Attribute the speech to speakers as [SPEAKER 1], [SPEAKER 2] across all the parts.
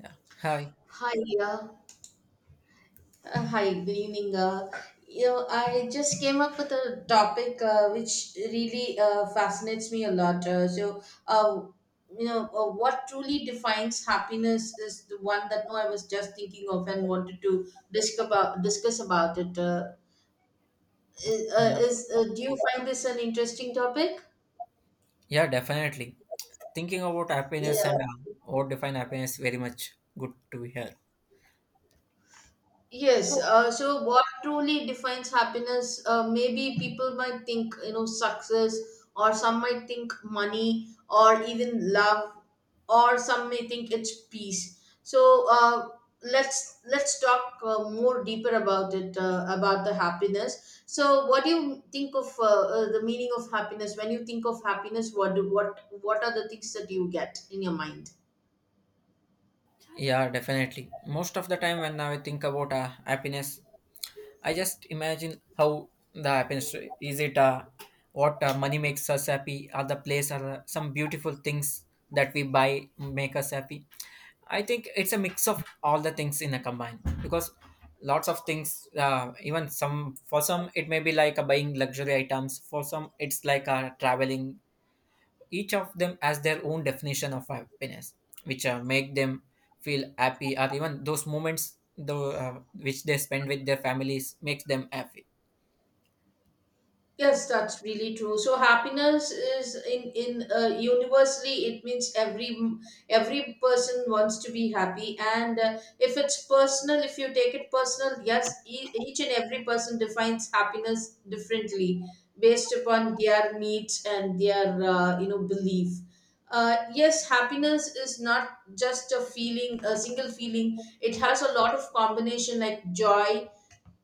[SPEAKER 1] Yeah. Hi.
[SPEAKER 2] Hi, uh, hi, good evening. I just came up with a topic which really fascinates me a lot. So, uh, what truly defines happiness is the one that no, I was just thinking of and wanted to discuss about it.
[SPEAKER 1] Yeah.
[SPEAKER 2] Is Do you find this an interesting topic?
[SPEAKER 1] Yeah, definitely. Thinking about happiness
[SPEAKER 2] Yeah.
[SPEAKER 1] and what define happiness very much good to hear.
[SPEAKER 2] Yes, so what truly defines happiness? Maybe people might think, success, or some might think money, or even love, or some may think it's peace. So let's talk more deeper about it, about the happiness. So, what do you think of the meaning of happiness? When you think of happiness, what do what are the things that you get in your mind?
[SPEAKER 1] Yeah, definitely. Most of the time when I think about happiness, I just imagine how that happens. Is it what money makes us happy, or the place or some beautiful things that we buy make us happy? I think it's a mix of all the things in a combine because lots of things. Even some for some it may be like buying luxury items. For some it's like a traveling, each of them has their own definition of happiness, which make them feel happy, or even those moments though which they spend with their families makes them happy.
[SPEAKER 2] Yes, that's really true. So happiness is in, universally it means every person wants to be happy, and if it's personal, if you take it personal, yes, each and every person defines happiness differently based upon their needs and their belief. Yes, happiness is not just a feeling, a single feeling. It has a lot of combination like joy,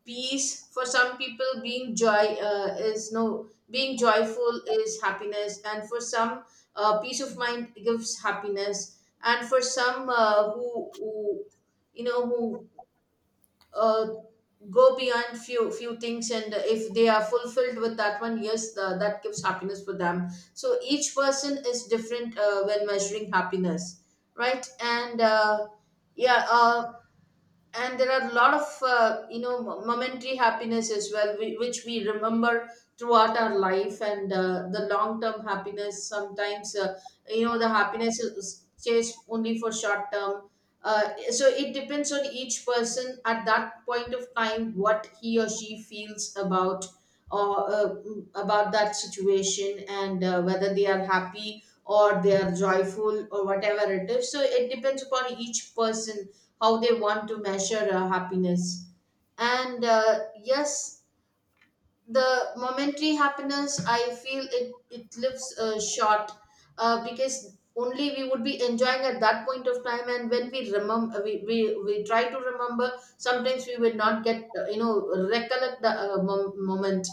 [SPEAKER 2] peace. For some people being joy, is no, being joyful is happiness, and for some peace of mind gives happiness, and for some who you know who uh, go beyond few things, and if they are fulfilled with that one, yes, that gives happiness for them. So each person is different when measuring happiness, right. And yeah uh, and there are a lot of momentary happiness as well, which we remember throughout our life, and the long term happiness. Sometimes, the happiness is chased only for short term. So it depends on each person at that point of time what he or she feels about, or about that situation, and whether they are happy or they are joyful or whatever it is. So it depends upon each person how they want to measure happiness. And yes, the momentary happiness, I feel, it lives short. Because only we would be enjoying at that point of time, and when we remember, we try to remember. Sometimes we will not get, recollect the moment,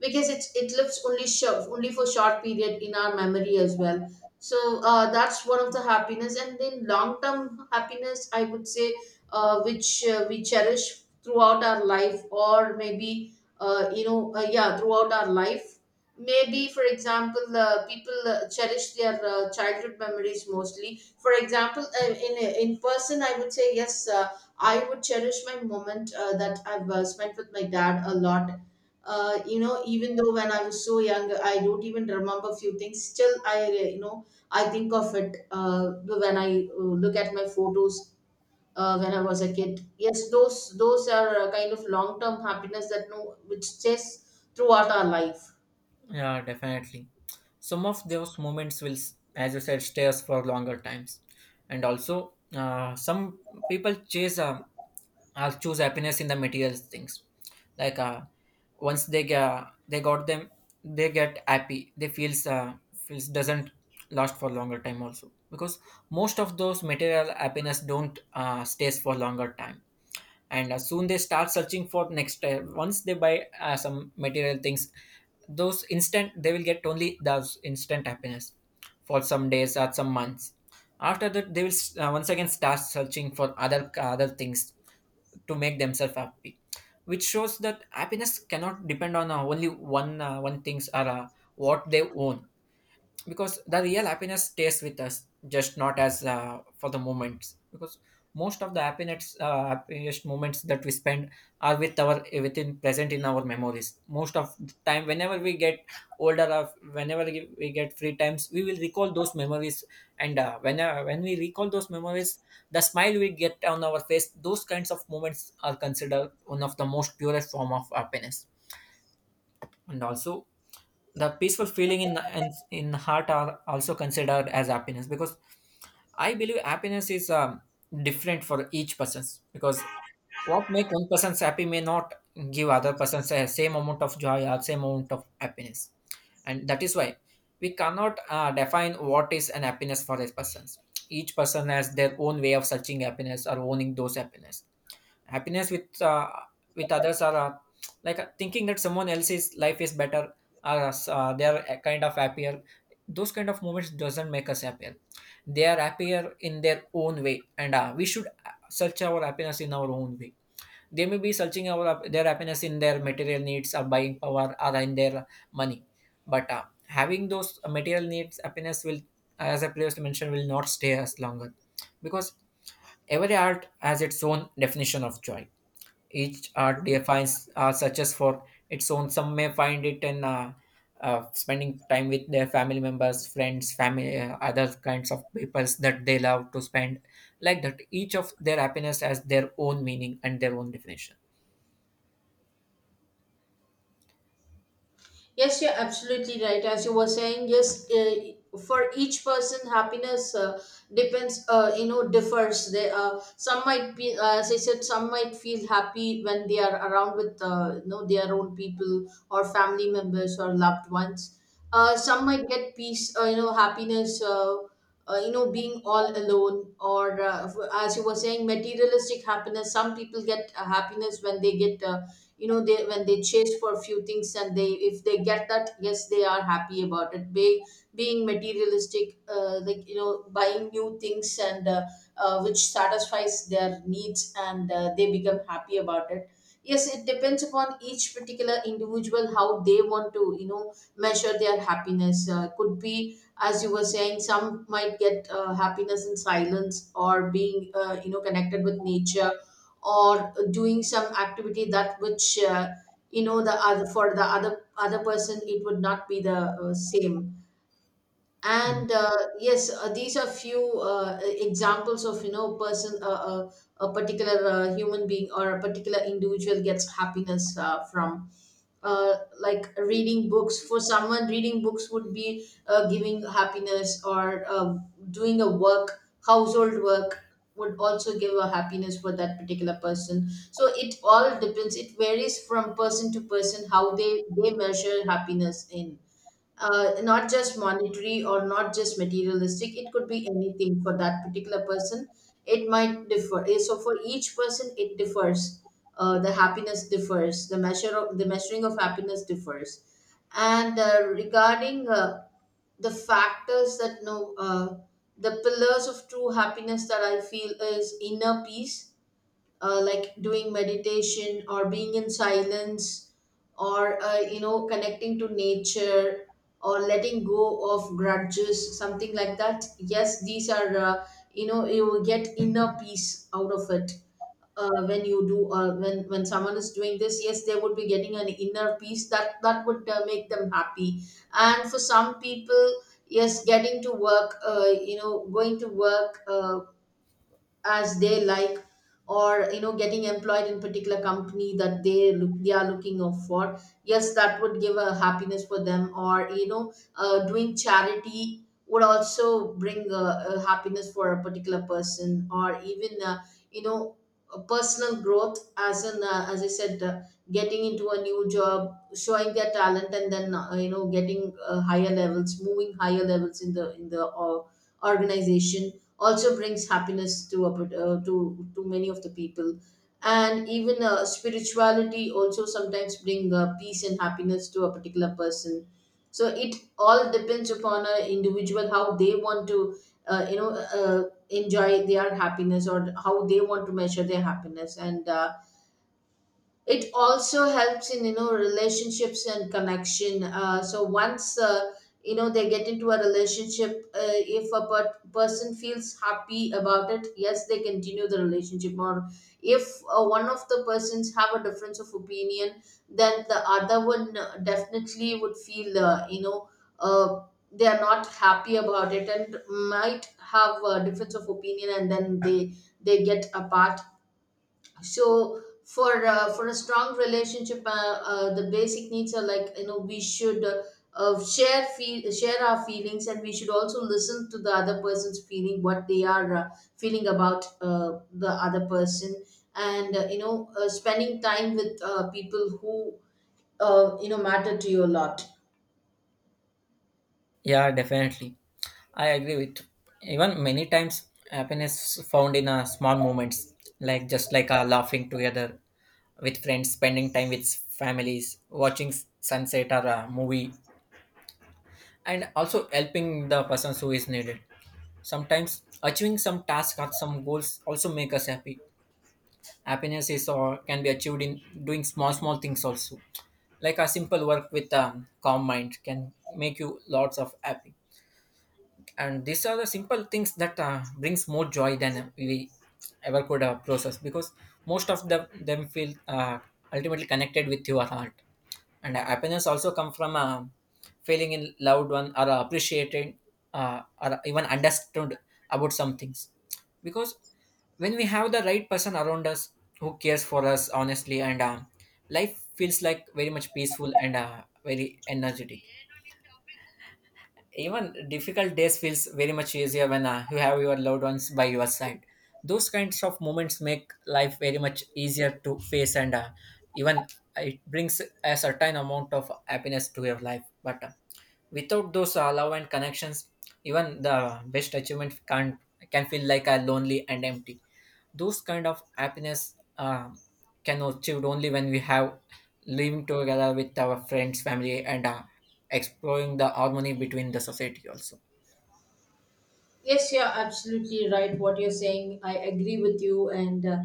[SPEAKER 2] because it lives only short, only for short period in our memory as well. So that's one of the happiness, and then long term happiness, I would say, which we cherish throughout our life, or maybe, yeah, throughout our life. Maybe for example, people cherish their childhood memories mostly. For example, in person, I would say, yes, I would cherish my moment that I've spent with my dad a lot. Even though when I was so young I don't even remember a few things, still I you know I think of it, when I look at my photos, when I was a kid. Yes, those are kind of long term happiness that no, which stays throughout our life.
[SPEAKER 1] Yeah, definitely. Some of those moments will, as you said, stay us for longer times, and also some people chase. I'll choose happiness in the material things. Like once they get, they got them, they get happy. They feels feels doesn't last for longer time also because most of those material happiness don't stays for longer time. And soon they start searching for next. Once they buy some material things, those instant they will get only those instant happiness for some days or some months. After that, they will once again start searching for other things to make themselves happy, which shows that happiness cannot depend on only one things or what they own, because the real happiness stays with us just not as for the moments, because most of the happiness happiest moments that we spend are with our within present in our memories most of the time whenever we get older or whenever we get free times we will recall those memories. And when we recall those memories, the smile we get on our face, those kinds of moments are considered one of the most purest form of happiness. And also the peaceful feeling in heart are also considered as happiness, because I believe happiness is different for each person's, because what make one person's happy may not give other person's the same amount of joy or same amount of happiness. And that is why we cannot define what is an happiness for these persons. Each person has their own way of searching happiness or owning those happiness. Happiness with others are like thinking that someone else's life is better or they are a kind of happier. Those kind of moments doesn't make us happier. They are happier in their own way, and we should search our happiness in our own way. They may be searching our their happiness in their material needs or buying power or in their money, but having those material needs happiness will, as I previously mentioned, will not stay as longer, because every art has its own definition of joy. Each art defines success for its own. Some may find it in spending time with their family members, friends, family, other kinds of peoples that they love to spend. Like that, each of their happiness has their own meaning and their own definition.
[SPEAKER 2] Yes, you're absolutely right. As you were saying, yes, for each person, happiness depends, differs. Some might be, as I said, some might feel happy when they are around with, their own people or family members or loved ones. Some might get peace, happiness, being all alone. Or as you were saying, materialistic happiness. Some people get happiness when they get. They, when they chase for a few things, and they, if they get that, yes, they are happy about it. Being materialistic, like you know buying new things, and which satisfies their needs, and they become happy about it. Yes, it depends upon each particular individual how they want to, you know, measure their happiness. Could be, as you were saying, some might get happiness in silence, or being connected with nature, or doing some activity that which the other, for the other person it would not be the same.
[SPEAKER 1] Mhm.
[SPEAKER 2] And yes, these are few examples of, you know, person a particular human being or a particular individual gets happiness from, uh, like reading books. For someone reading books would be giving happiness, or doing a work, household work would also give a happiness for that particular person. So it all depends, it varies from person to person how they measure happiness in, not just monetary or not just materialistic, it could be anything for that particular person. It might differ. So for each person it differs, the happiness differs, the measure of the measuring of happiness differs. And regarding the factors that know, the pillars of true happiness that I feel is inner peace. Like doing meditation or being in silence, or connecting to nature, or letting go of grudges, something like that. Yes, these are, you will get inner peace out of it when you do, when someone is doing this. Yes, they would be getting an inner peace, that would make them happy. And for some people, yes, getting to work, going to work as they like, or you know getting employed in particular company that they are looking out for, yes, that would give a happiness for them. Or you know doing charity would also bring a happiness for a particular person, or even you know a personal growth, as in, as I said, getting into a new job, showing their talent, and then getting higher levels, moving higher levels in the organization also brings happiness to a, to to many of the people. And even spirituality also sometimes bring peace and happiness to a particular person. So it all depends upon an individual how they want to, uh, you know uh, enjoy their happiness, or how they want to measure their happiness. And it also helps in, you know, relationships and connection. So once, they get into a relationship, if a person feels happy about it, yes, they continue the relationship. Or if one of the persons have a difference of opinion, then the other one definitely would feel, uh, they are not happy about it, and might have a difference of opinion, and then they get apart. So for a strong relationship, the basic needs are, like you know, we should, share our feelings, and we should also listen to the other person's feeling, what they are feeling about the other person, and spending time with people who, matter to you a lot.
[SPEAKER 1] Yeah, definitely. I agree with you. Even many times happiness is found in small moments, like just like laughing together with friends, spending time with families, watching sunset or a movie, and also helping the person who is needed. Sometimes achieving some tasks or some goals also make us happy. Happiness is or can be achieved in doing small small things also. Like a simple work with a calm mind can make you lots of happy. And these are the simple things that brings more joy than we ever could process, because most of them feel ultimately connected with your heart. And happiness also come from feeling in loved one or appreciated, or even understood about some things, because when we have the right person around us who cares for us honestly and life feels like very much peaceful and very energetic. Even difficult days feels very much easier when you have your loved ones by your side. Those kinds of moments make life very much easier to face, and even it brings a certain amount of happiness to your life. But without those love and connections, even the best achievement can't, can feel like a lonely and empty. Those kind of happiness can achieved only when we have living together with our friends family and exploring the harmony between the society also.
[SPEAKER 2] Yes, you're absolutely right. What you're saying, I agree with you. And uh,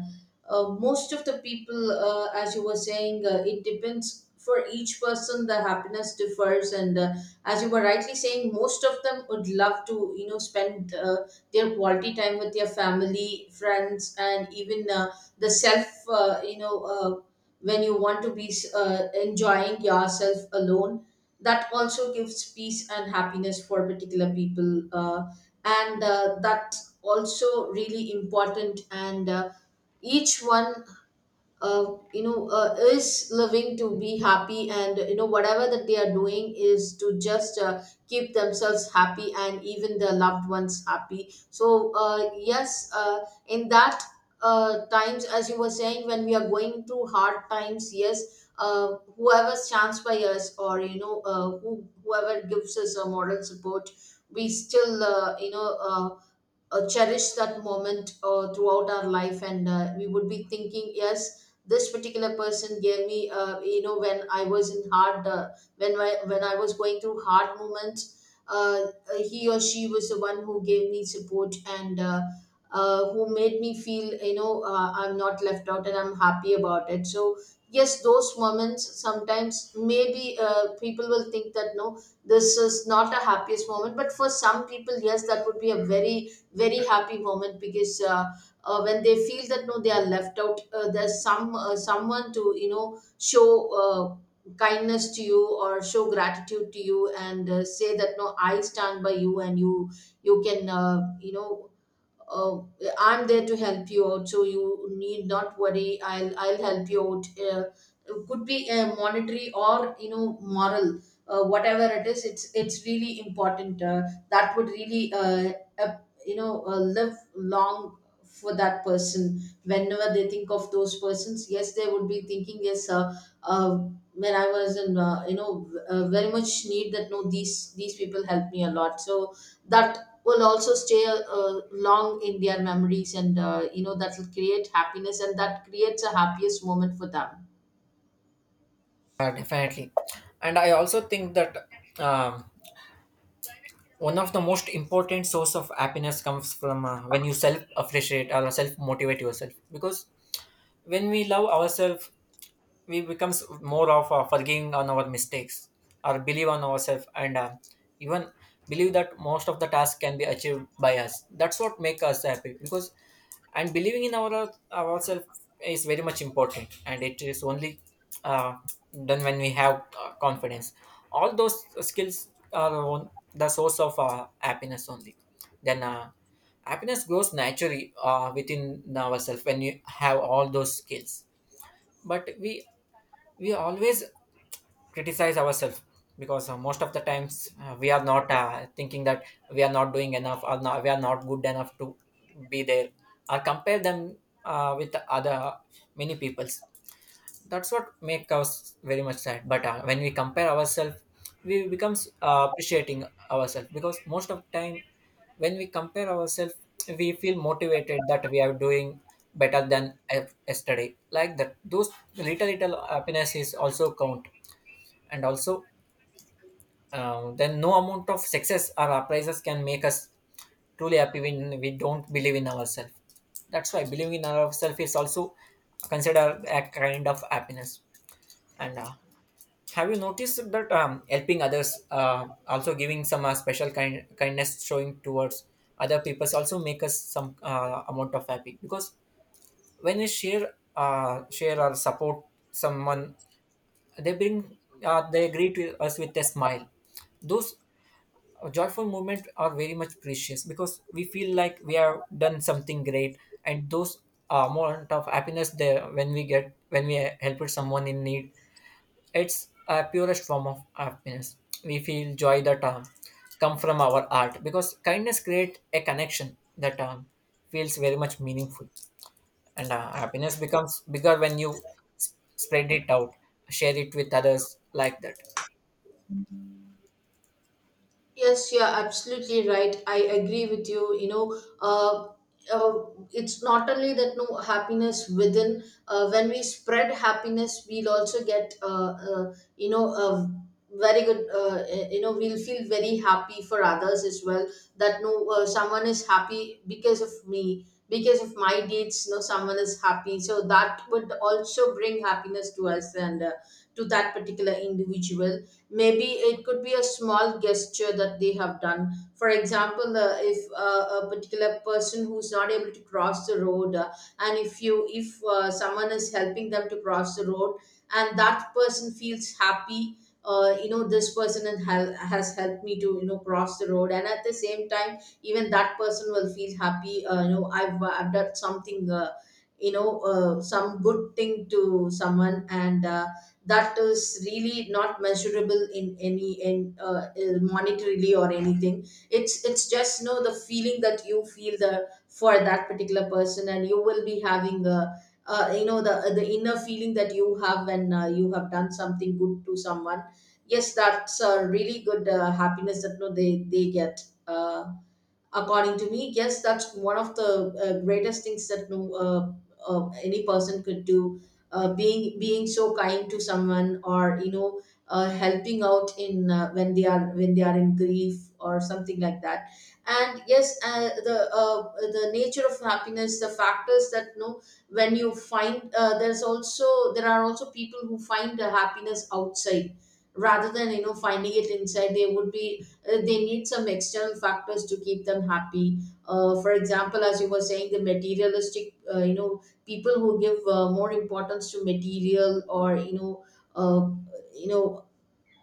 [SPEAKER 2] uh, most of the people, as you were saying, it depends for each person. The happiness differs, and as you were rightly saying, most of them would love to, you know, spend their quality time with their family, friends, and even the self, when you want to be enjoying yourself alone. That also gives peace and happiness for particular people. And that's also really important, and each one uh, is living to be happy, and you know whatever that they are doing is to just keep themselves happy and even their loved ones happy. So yes, in that times, as you were saying, when we are going through hard times, yes, whoever stands by us, or you know, whoever gives us a moral support, we still cherish that moment throughout our life. And we would be thinking, yes, this particular person gave me, you know, when I was in when I was going through hard moments, uh, he or she was the one who gave me support. And Who made me feel, you know, I'm not left out and I'm happy about it. So yes, those moments, sometimes maybe people will think that no, this is not a happiest moment, but for some people, yes, that would be a very happy moment. Because when they feel that no, they are left out, there's someone to you know show kindness to you or show gratitude to you, and say that no, I stand by you, and you can uh, I'm there to help you out, so you need not worry. I'll help you out. It could be monetary or you know moral, whatever it is. It's really important. That would really uh, live long for that person. Whenever they think of those persons, yes, they would be thinking yes. When I was in, you know, very much need that. No, these people helped me a lot. So that will also stay long in their memories, and you know that will create happiness, and that creates a happiest moment for them.
[SPEAKER 1] Definitely, and I also think that um, one of the most important source of happiness comes from when you self appreciate or self motivate yourself, because when we love ourselves we becomes more of forgiving on our mistakes or believe on ourselves, and even believe that most of the task can be achieved by us, that's what make us happy. Because and believing in our ourselves is very much important, and it is only uh, done when we have confidence. All those skills are on the source of happiness only. Then happiness grows naturally within ourselves when you have all those skills. But we always criticize ourselves, because most of the times we are not thinking that we are not doing enough or not, we are not good enough to be there, or compare them with other many peoples. That's what make us very much sad. But when we compare ourselves we becomes appreciating ourselves, because most of the time when we compare ourselves we feel motivated that we are doing better than yesterday. Like that, those little little happiness is also count. And also then no amount of success or appraises can make us truly happy when we don't believe in ourselves. That's why believing in ourselves is also considered a kind of happiness. And have you noticed that helping others also giving some special kind kindness showing towards other people also make us some amount of happy. Because when we share share or support someone, they bring they greet with us with a smile. Those joyful moments are very much precious because we feel like we have done something great. And those moment of happiness there when we get when we help with someone in need, it's a purest form of happiness. We feel joy that come from our art, because kindness creates a connection that feels very much meaningful. And happiness becomes bigger when you spread it out, share it with others like that.
[SPEAKER 2] Yes, you're absolutely right. I agree with you. You know, uh, it's not only that no happiness within. When we spread happiness, we'll also get you know a very good. You know, we'll feel very happy for others as well. That no, someone is happy because of me, because of my deeds. No, someone is happy. So that would also bring happiness to us, and to that particular individual. Maybe it could be a small gesture that they have done. For example, if a particular person who's not able to cross the road, and if someone is helping them to cross the road, and that person feels happy. You know, this person has has helped me to you know cross the road, and at the same time, even that person will feel happy. You know, I've done something, some good thing to someone. And that is really not measurable in any, in monetarily or anything. It's just you know the feeling that you feel the for that particular person, and you will be having a you know the inner feeling that you have when you have done something good to someone. Yes, that's a really good happiness that no they get according to me. Yes, that's one of the greatest things that any person could do. Being so kind to someone, or you know, helping out in when they are in grief or something like that. And yes, the nature of happiness, the factors that you know when you find, there are also people who find the happiness outside, rather than you know finding it inside. They would be, they need some external factors to keep them happy. For example, as you were saying, the materialistic, you know, people who give more importance to material, or you know, uh, you know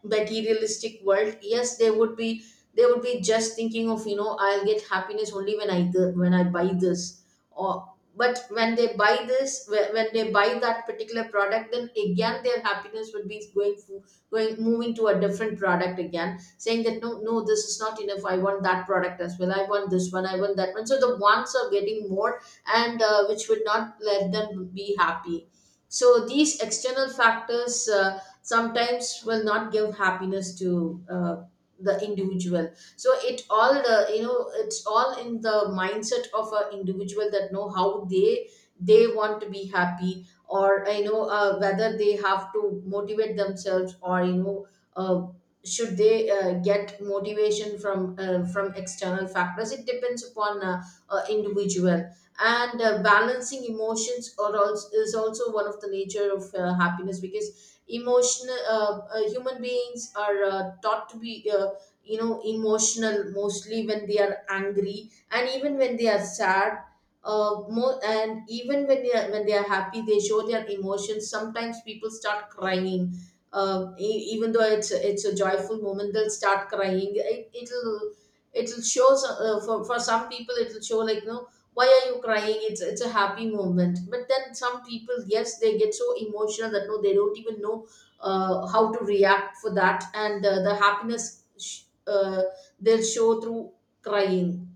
[SPEAKER 2] materialistic world. Yes, they would be, they would be just thinking of you know I'll get happiness only when when I buy this. Or but when they buy this, when they buy that particular product, then again their happiness would be going, moving to a different product, again saying that no no, this is not enough, I want that product as well, I want this one, I want that one. So the wants are getting more, and which would not let them be happy. So these external factors sometimes will not give happiness to the individual. So it all the you know it's all in the mindset of an individual that know how they want to be happy. Or whether they have to motivate themselves, or you know uh, should they get motivation from external factors. It depends upon individual. And balancing emotions or also is also one of the nature of happiness. Because emotional, human beings are taught to be you know emotional, mostly when they are angry, and even when they are sad more, and even when they are, when they are happy, they show their emotions. Sometimes people start crying. Even though it's a joyful moment, they'll start crying. It, it'll, it'll show. For some people it'll show like no, why are you crying, it's a happy moment. But then some people, yes, they get so emotional that no, they don't even know how to react for that. And the happiness, they'll show through crying.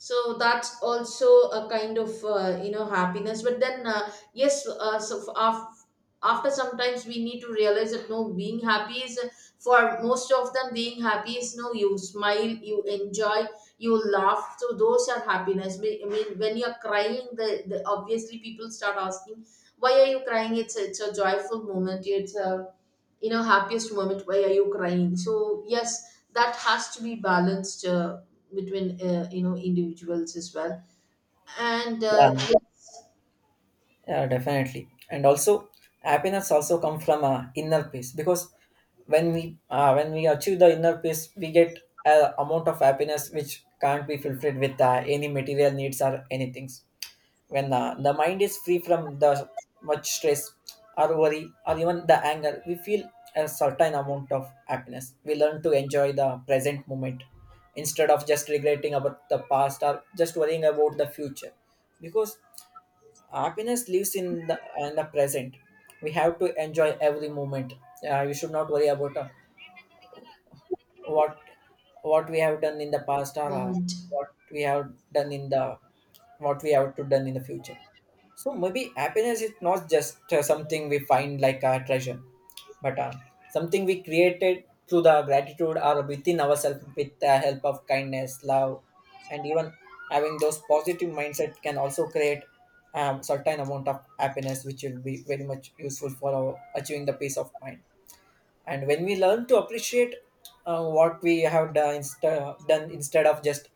[SPEAKER 2] So that's also a kind of you know happiness. But then yes, after sometimes we need to realize that no, being happy is, for most of them being happy is no, you smile, you enjoy, you laugh, so those are happiness. I mean when you're crying, the obviously people start asking why are you crying, it's a joyful moment, it's a you know happiest moment, why are you crying. So yes, that has to be balanced between you know individuals as well. And
[SPEAKER 1] Yeah.
[SPEAKER 2] yes,
[SPEAKER 1] Yeah, definitely. And also, happiness also come from a inner peace, because when we when we achieve the inner peace, we get a amount of happiness which can't be fulfilled with any material needs or anything. When the mind is free from the much stress or worry or even the anger, we feel a certain amount of happiness. We learn to enjoy the present moment instead of just regretting about the past or just worrying about the future, because happiness lives in the present. We have to enjoy every moment. You should not worry about what what we have done in the past or
[SPEAKER 2] moment.
[SPEAKER 1] what we have done in the what we have to done in the future. So maybe happiness is not just something we find like a treasure, but something we created through the gratitude or within ourselves with the help of kindness love. And even having those positive mindset can also create certain amount of happiness which will be very much useful for our achieving the peace of mind. And when we learn to appreciate what we have done, done instead of just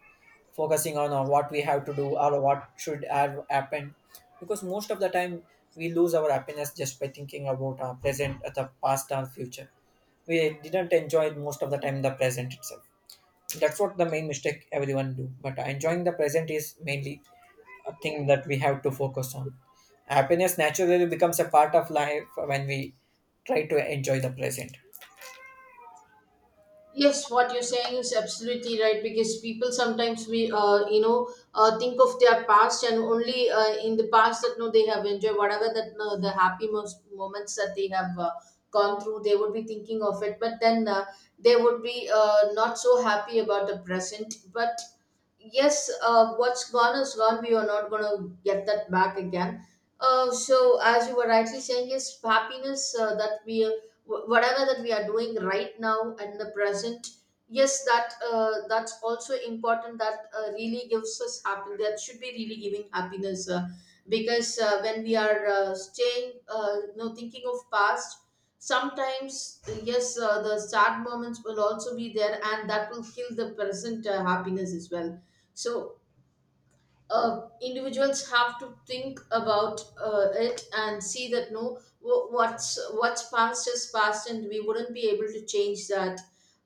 [SPEAKER 1] focusing on what we have to do or what should have happened, because most of the time we lose our happiness just by thinking about present the past or future. We didn't enjoy most of the time the present itself. That's what the main mistake everyone do. But enjoying the present is mainly a thing that we have to focus on. Happiness naturally becomes a part of life when we try to enjoy the present.
[SPEAKER 2] Yes, what you're saying is absolutely right, because people sometimes, we think of their past, and only in the past that no, they have enjoyed whatever that no, the happy most moments that they have gone through, they would be thinking of it. But then they would be not so happy about the present. But yes, what's gone is gone. We are not going to get that back again. So, as you were rightly saying, is happiness that we, whatever that we are doing right now and the present, yes, that that's also important. That really gives us happiness. That should be really giving happiness. Because when we are staying, you know, thinking of past, sometimes, yes, the sad moments will also be there, and that will kill the present happiness as well. So individuals have to think about it, and see that no, what's past is past, and we wouldn't be able to change that.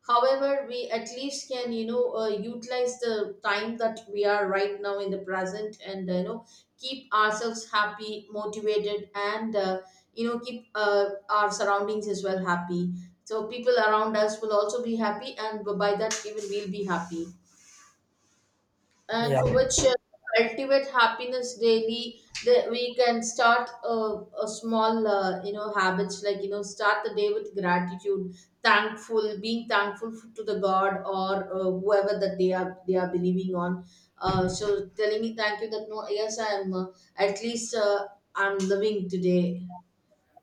[SPEAKER 2] However, we at least can you know utilize the time that we are right now in the present. And you know keep ourselves happy, motivated, and you know keep our surroundings as well happy. So people around us will also be happy, and by that, even we'll be happy. And
[SPEAKER 1] Yeah.
[SPEAKER 2] for which cultivate happiness daily, that we can start a small you know habits, like you know start the day with gratitude, thankful, being thankful to the god or whoever that they are, they are believing on. So telling me thank you that no, yes, I am, at least, I'm living today.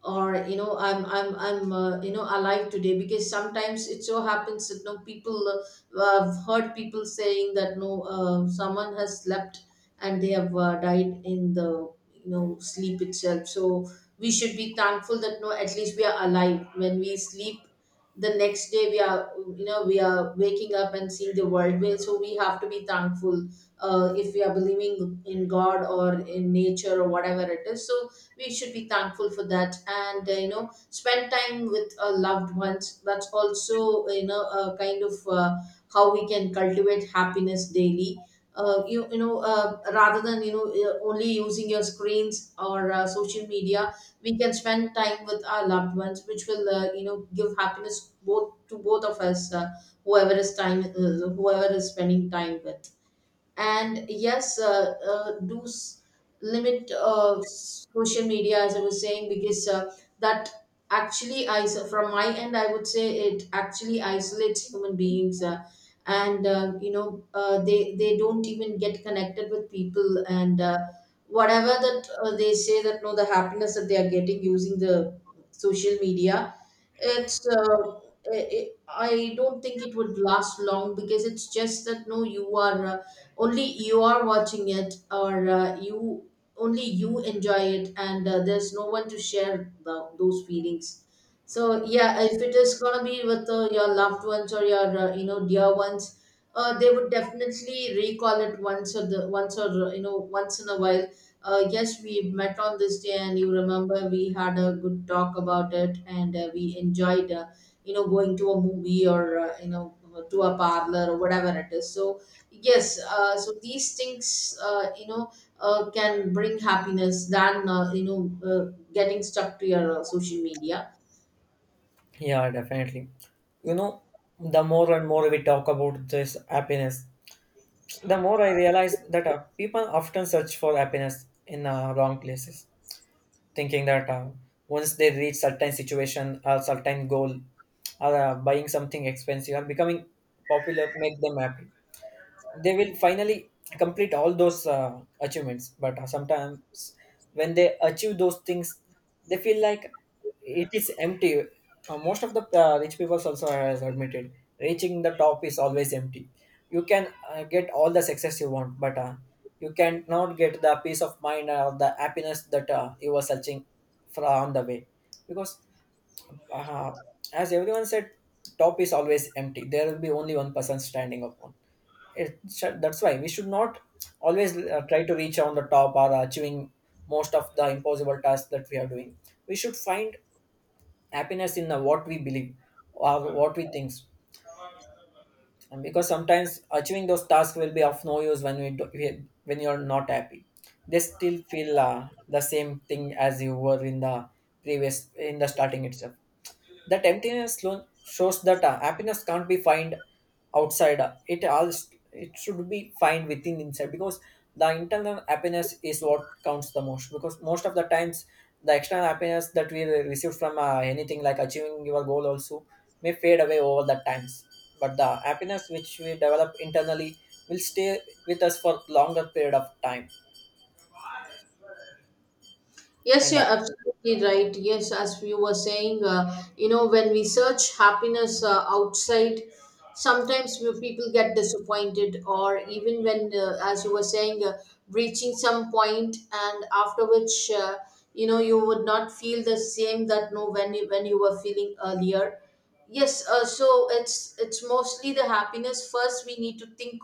[SPEAKER 2] Or you know I'm you know alive today. Because sometimes it so happens that no, people, I've heard people saying that no, someone has slept, and they have died in the you know sleep itself. So we should be thankful that no, at least we are alive. When we sleep, the next day we are you know we are waking up and seeing the world way, so we have to be thankful if we are believing in god, or in nature, or whatever it is. So we should be thankful for that. And you know spend time with our loved ones, that's also you know a kind of how we can cultivate happiness daily. You know, rather than you know only using your screens or social media, we can spend time with our loved ones, which will you know give happiness both, to both of us. Whoever is spending time with. And yes, limit social media, as I was saying. Because that actually is, from my end I would say, it actually isolates human beings. And You know, they don't even get connected with people. And whatever that they say that no, the happiness that they are getting using the social media, it's i I don't think it would last long. Because it's just that no, you are only you are watching it, or you, only you enjoy it, and there's no one to share the, those feelings. So yeah, if it is gonna be with your loved ones, or your you know dear ones, they would definitely recall it once, or the once, or you know once in a while. Yes, we met on this day, and you remember, we had a good talk about it, and we enjoyed you know going to a movie, or you know to a parlor, or whatever it is. So yes, so these things you know can bring happiness, than you know getting stuck to your social media.
[SPEAKER 1] Yeah, definitely. You know, the more and more we talk about this happiness, the more I realize that people often search for happiness in wrong places, thinking that once they reach certain situation or certain goal, or buying something expensive or becoming popular make them happy, they will finally complete all those achievements. But sometimes when they achieve those things they feel like it is empty. Most of the rich people also has admitted reaching the top is always empty. You can get all the success you want, but you cannot get the peace of mind or the happiness that you were searching for on the way, because uh, as everyone said, top is always empty, there will be only one person standing upon it. That's why we should not always try to reach on the top or achieving most of the impossible tasks that we are doing. We should find happiness in what we believe or what we think. And because sometimes achieving those tasks will be of no use when when you are not happy, they still feel the same thing as you were in the previous in the starting itself. That emptiness shows that happiness can't be found outside. It all it should be found within inside, because the internal happiness is what counts the most. Because most of the times, the external happiness that we receive from anything like achieving your goal also may fade away over the times. But the happiness which we develop internally will stay with us for longer period of time.
[SPEAKER 2] Yes,
[SPEAKER 1] And
[SPEAKER 2] you're absolutely right. Yes, as you were saying, you know, when we search happiness outside, sometimes we, people get disappointed. Or even when, as you were saying, reaching some point, and after which, you know, you would not feel the same, that no when you, when you were feeling earlier. Yes, so it's mostly the happiness. First, we need to think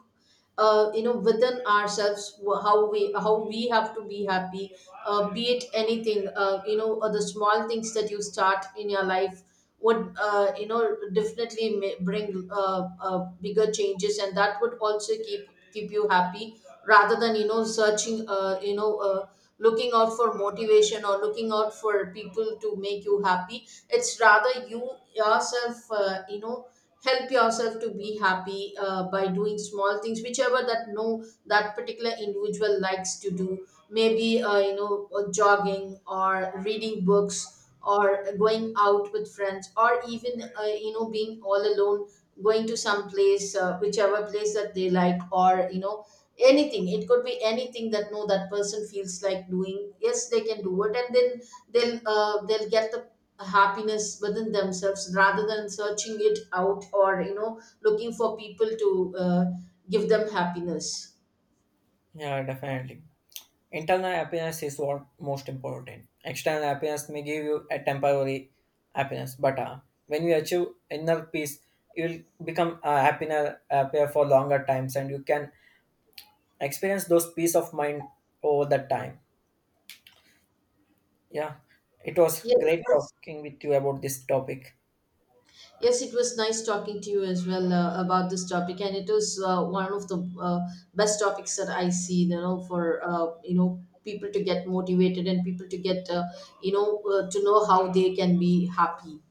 [SPEAKER 2] you know within ourselves, how we, how we have to be happy. Be it anything, you know, the small things that you start in your life would you know definitely bring bigger changes, and that would also keep you happy. Rather than you know searching looking out for motivation, or looking out for people to make you happy. It's rather you, yourself, you know, help yourself to be happy, by doing small things, whichever that no, that particular individual likes to do. Maybe you know jogging, or reading books, or going out with friends, or even you know being all alone, going to some place, whichever place that they like, or you know anything. It could be anything that no, that person feels like doing. Yes, they can do it. And then they'll get the happiness within themselves, rather than searching it out, or you know looking for people to give them happiness.
[SPEAKER 1] yeah, definitely. Internal happiness is what most important. External happiness may give you a temporary happiness, but when you achieve inner peace, you will become happier, happier for longer times, and you can experience those peace of mind over the time. Yeah, it was
[SPEAKER 2] Yes,
[SPEAKER 1] great talking with you about this topic.
[SPEAKER 2] yes, it was nice talking to you as well about this topic. And it is one of the best topics that I see. You know, for you know people to get motivated, and people to get to know how they can be happy,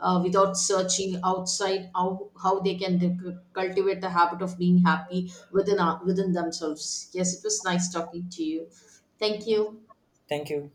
[SPEAKER 2] without searching outside. How they can cultivate the habit of being happy within themselves. Yes, it was nice talking to you. Thank you.
[SPEAKER 1] Thank you.